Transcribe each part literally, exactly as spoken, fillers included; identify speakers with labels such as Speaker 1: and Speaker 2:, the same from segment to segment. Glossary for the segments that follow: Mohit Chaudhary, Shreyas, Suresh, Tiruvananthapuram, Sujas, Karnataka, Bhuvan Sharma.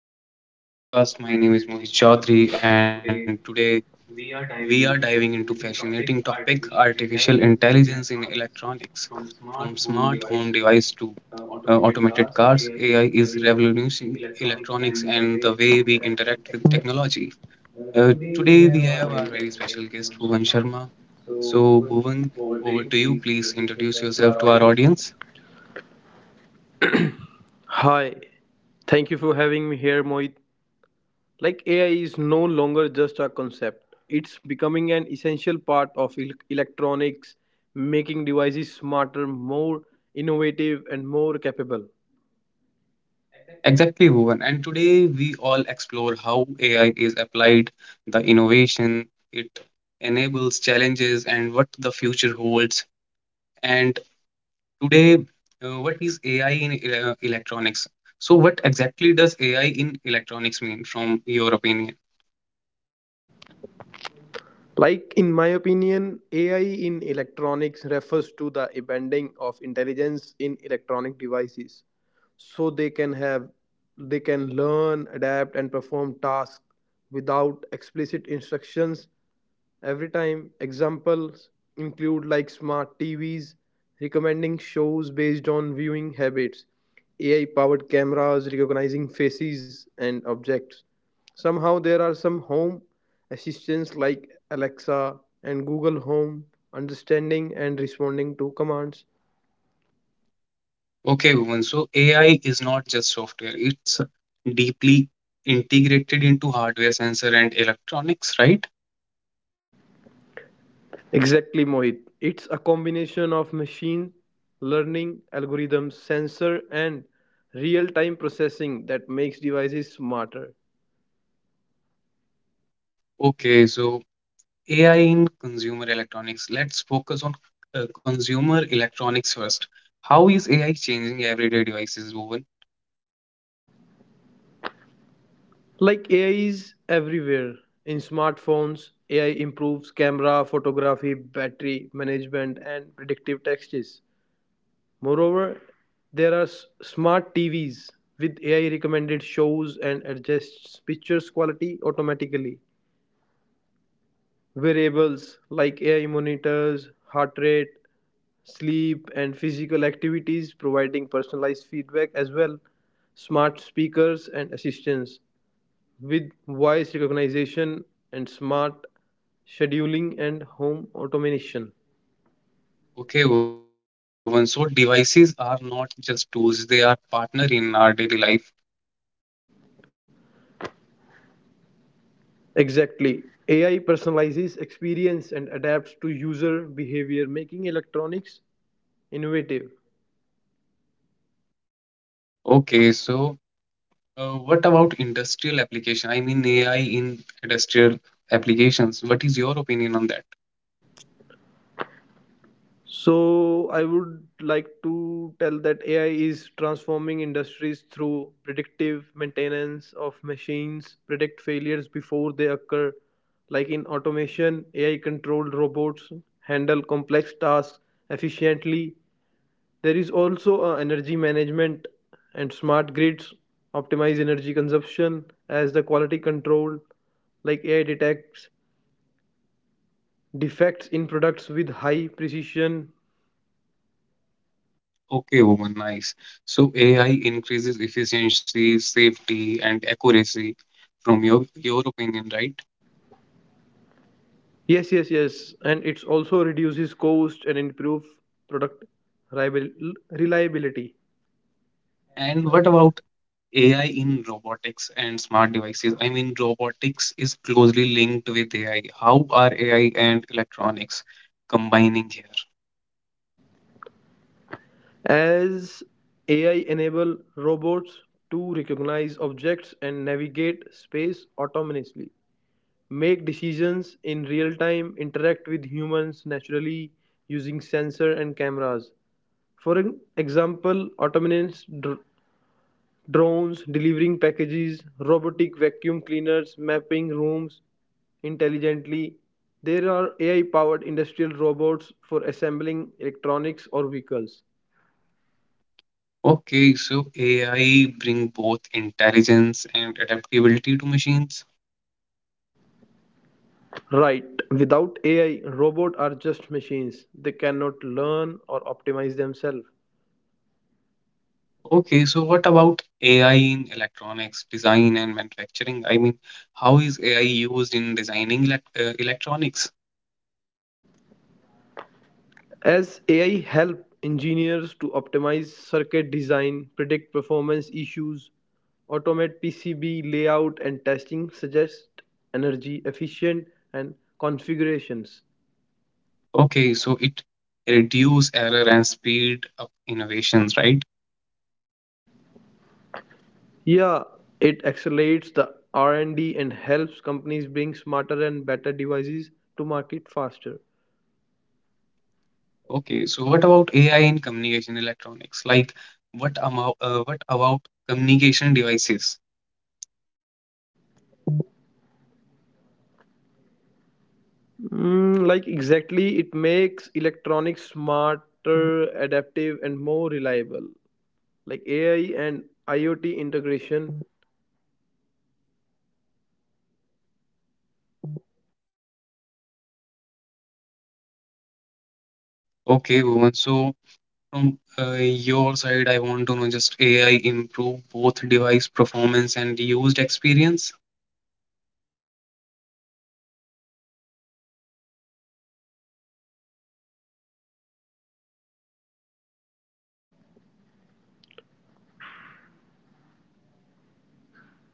Speaker 1: back to another podcast. My name is Mohit Chaudhary, and today we are diving into fascinating topic: artificial intelligence in electronics. From smart home device to uh, automated cars, A I is revolutionizing electronics and the way we interact with technology. Uh, today we have our very special guest, Bhuvan Sharma. So, Bhuvan, over to you. Please introduce yourself to our audience.
Speaker 2: Hi, thank you for having me here, Mohit. Like A I is no longer just a concept, it's becoming an essential part of el- electronics, making devices smarter, more innovative, and more capable.
Speaker 1: Exactly, Bhuvan. And today we all explore how A I is applied, the innovation it enables, challenges, and what the future holds. And today, uh, what is A I in ele- electronics? So, what exactly does A I in electronics mean, from your opinion?
Speaker 2: Like, in my opinion, A I in electronics refers to the embedding of intelligence in electronic devices so they can have they can learn, adapt, and perform tasks without explicit instructions. Every time, examples include like smart T Vs recommending shows based on viewing habits, A I powered cameras recognizing faces and objects. Somehow, there are some home assistants like Alexa and Google Home understanding and responding to commands.
Speaker 1: Okay, Bhuvan. So, A I is not just software; it's deeply integrated into hardware, sensor, and electronics, right?
Speaker 2: Exactly, Mohit. It's a combination of machine learning algorithms, sensor, and real time processing that makes devices smarter.
Speaker 1: Okay, so A I in consumer electronics. Let's focus on uh, consumer electronics first. How is A I changing everyday devices, Woven?
Speaker 2: like AI is everywhere. In smartphones, AI improves camera photography, battery management, and predictive texts. Moreover, there are s- smart TVs with AI, recommended shows, and adjusts pictures quality automatically. Variables like AI monitors heart rate, sleep, and physical activities, providing personalized feedback as well. Smart speakers and assistants with voice recognition, and smart scheduling and home automation.
Speaker 1: Okay, Woven. So devices are not just tools; they are partner in our daily life.
Speaker 2: Exactly. A I personalizes experience and adapts to user behavior, making electronics innovative.
Speaker 1: Okay, so uh, what about industrial application? I mean A I in industrial applications. What is your opinion on that?
Speaker 2: So, I would like to tell that A I is transforming industries through predictive maintenance of machines, predict failures before they occur. Like in automation, A I controlled robots handle complex tasks efficiently. There is also a energy management and smart grids optimize energy consumption as the quality control. Like A I detects defects in products with high precision.
Speaker 1: Okay, Woven. Nice. So A I increases efficiency, safety, and accuracy. From your your opinion, right?
Speaker 2: Yes, yes, yes, and it also reduces cost and improve product reliabil- reliability
Speaker 1: And what about A I in robotics and smart devices. I mean, robotics is closely linked with A I. How are A I and electronics combining here?
Speaker 2: as A I enable robots to recognize objects and navigate space autonomously. Make decisions in real time, interact with humans naturally using sensors and cameras. For an example, autonomous dr- drones delivering packages, robotic vacuum cleaners mapping rooms intelligently. There are A I powered industrial robots for assembling electronics or vehicles.
Speaker 1: Okay, so A I bring both intelligence and adaptability to machines.
Speaker 2: Right, without A I, robots are just machines. They cannot learn or optimize themselves.
Speaker 1: Okay, so what about A I in electronics design and manufacturing? I mean, how is A I used in designing elec uh, electronics?
Speaker 2: As A I help engineers to optimize circuit design, predict performance issues, automate P C B layout and testing, suggest energy efficient and configurations.
Speaker 1: Okay, so it reduce error and speed up innovations, right?
Speaker 2: Yeah, it accelerates the R and D and D and helps companies bring smarter and better devices to market faster.
Speaker 1: Okay, so what about A I in communication electronics? Like, what about uh, what about communication devices?
Speaker 2: Mm, like exactly, it makes electronics smarter, adaptive, and more reliable. Like A I and IoT integration.
Speaker 1: Okay, Bhuvan. So from uh, your side, I want to know just A I improve both device performance and used experience.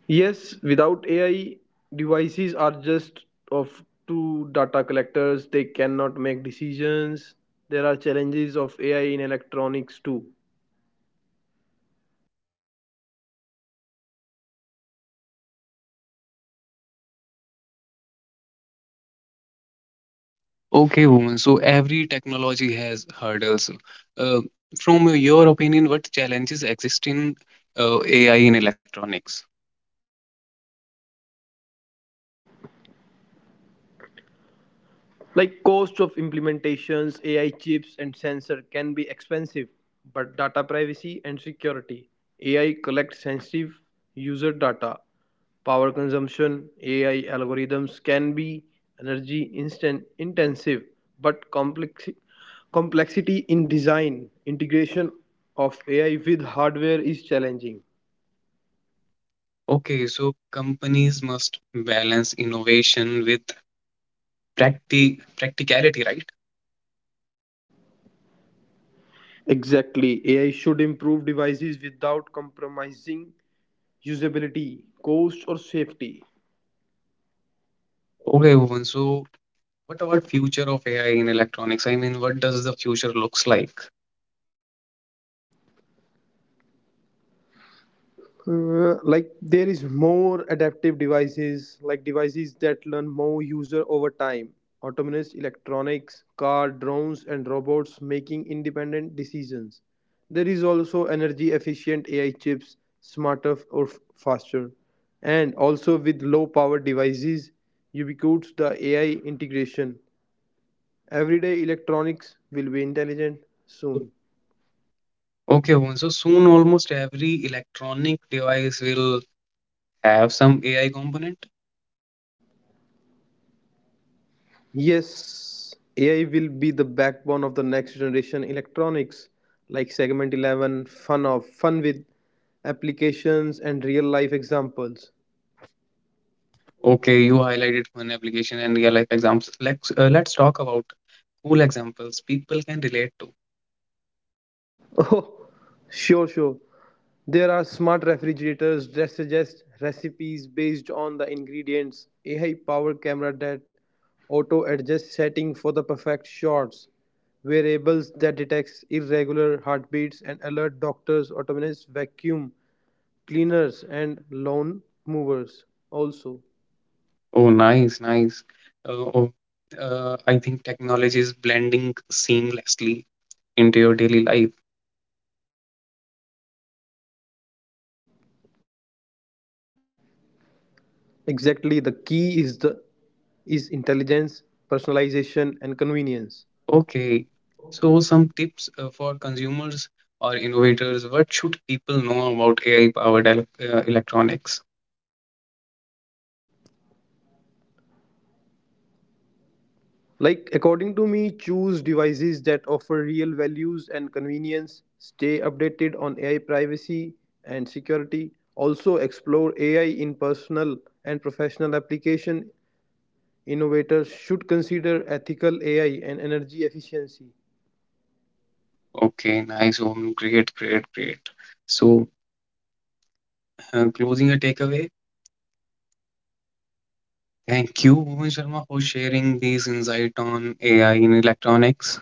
Speaker 2: Yes, without A I, devices are just of two data collectors. They cannot make decisions. There are challenges of A I in electronics too.
Speaker 1: Okay, Bhuvan. So every technology has hurdles. Uh, from your opinion, what challenges exist in uh, A I in electronics?
Speaker 2: Like cost of implementations, A I chips and sensor can be expensive, but data privacy and security. A I collects sensitive user data. Power consumption, A I algorithms can be energy instant intensive, but complex complexity in design, integration of A I with hardware is challenging.
Speaker 1: Okay, so companies must balance innovation with practi practicality, right?
Speaker 2: Exactly. A I should improve devices without compromising usability, cost, or safety.
Speaker 1: Okay, Bhuvan, so what about future of A I in electronics? I mean, what does the future looks like?
Speaker 2: Uh, like there is more adaptive devices, like devices that learn more user over time. Autonomous electronics, car, drones, and robots making independent decisions. There is also energy efficient AI chips, smarter f- or f- faster, and also with low power devices. Ubiquitous the AI integration. Everyday electronics will be intelligent soon.
Speaker 1: Okay, Bhuvan, so soon almost every electronic device will have some A I component.
Speaker 2: Yes, A I will be the backbone of the next generation electronics, like Segment eleven, Fun of Fun with applications and real life examples.
Speaker 1: Okay, you highlighted one application and real life examples. Let's uh, let's talk about cool examples people can relate to.
Speaker 2: Oh, sure, sure. There are smart refrigerators that suggest recipes based on the ingredients, A I powered camera that auto adjusts setting for the perfect shots, wearables that detects irregular heartbeats and alert doctors, autonomous vacuum cleaners and lawn movers
Speaker 1: Also.
Speaker 2: also.
Speaker 1: Oh, nice, nice. Uh, oh, uh, I think technology is blending seamlessly into your daily life.
Speaker 2: Exactly, the key is the is intelligence, personalization, and convenience.
Speaker 1: Okay, so some tips uh, for consumers or innovators. What should people know about A I-powered el uh, electronics?
Speaker 2: Like according to me, choose devices that offer real values and convenience. Stay updated on AI privacy and security. Also explore AI in personal and professional application. Innovators should consider ethical AI and energy efficiency.
Speaker 1: Okay, nice, Omen. Great, great, great. So, uh, closing a takeaway. Thank you, Omen Sharma, for sharing these insight on A I in electronics.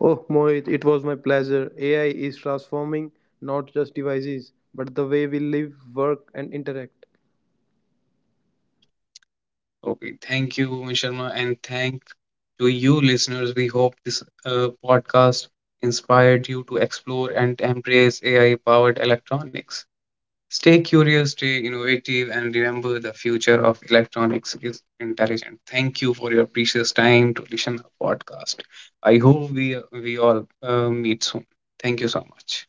Speaker 2: Oh, Mohit, it was my pleasure. A I is transforming not just devices, but the way we live, work, and interact.
Speaker 1: Okay, thank you, Omen Sharma, and thank to you, listeners. We hope this uh, podcast inspired you to explore and embrace A I-powered electronics. Stay curious, stay innovative, and remember the future of electronics is intelligent. Thank you for your precious time to listen to our podcast. I hope we we all uh, meet soon. Thank you so much.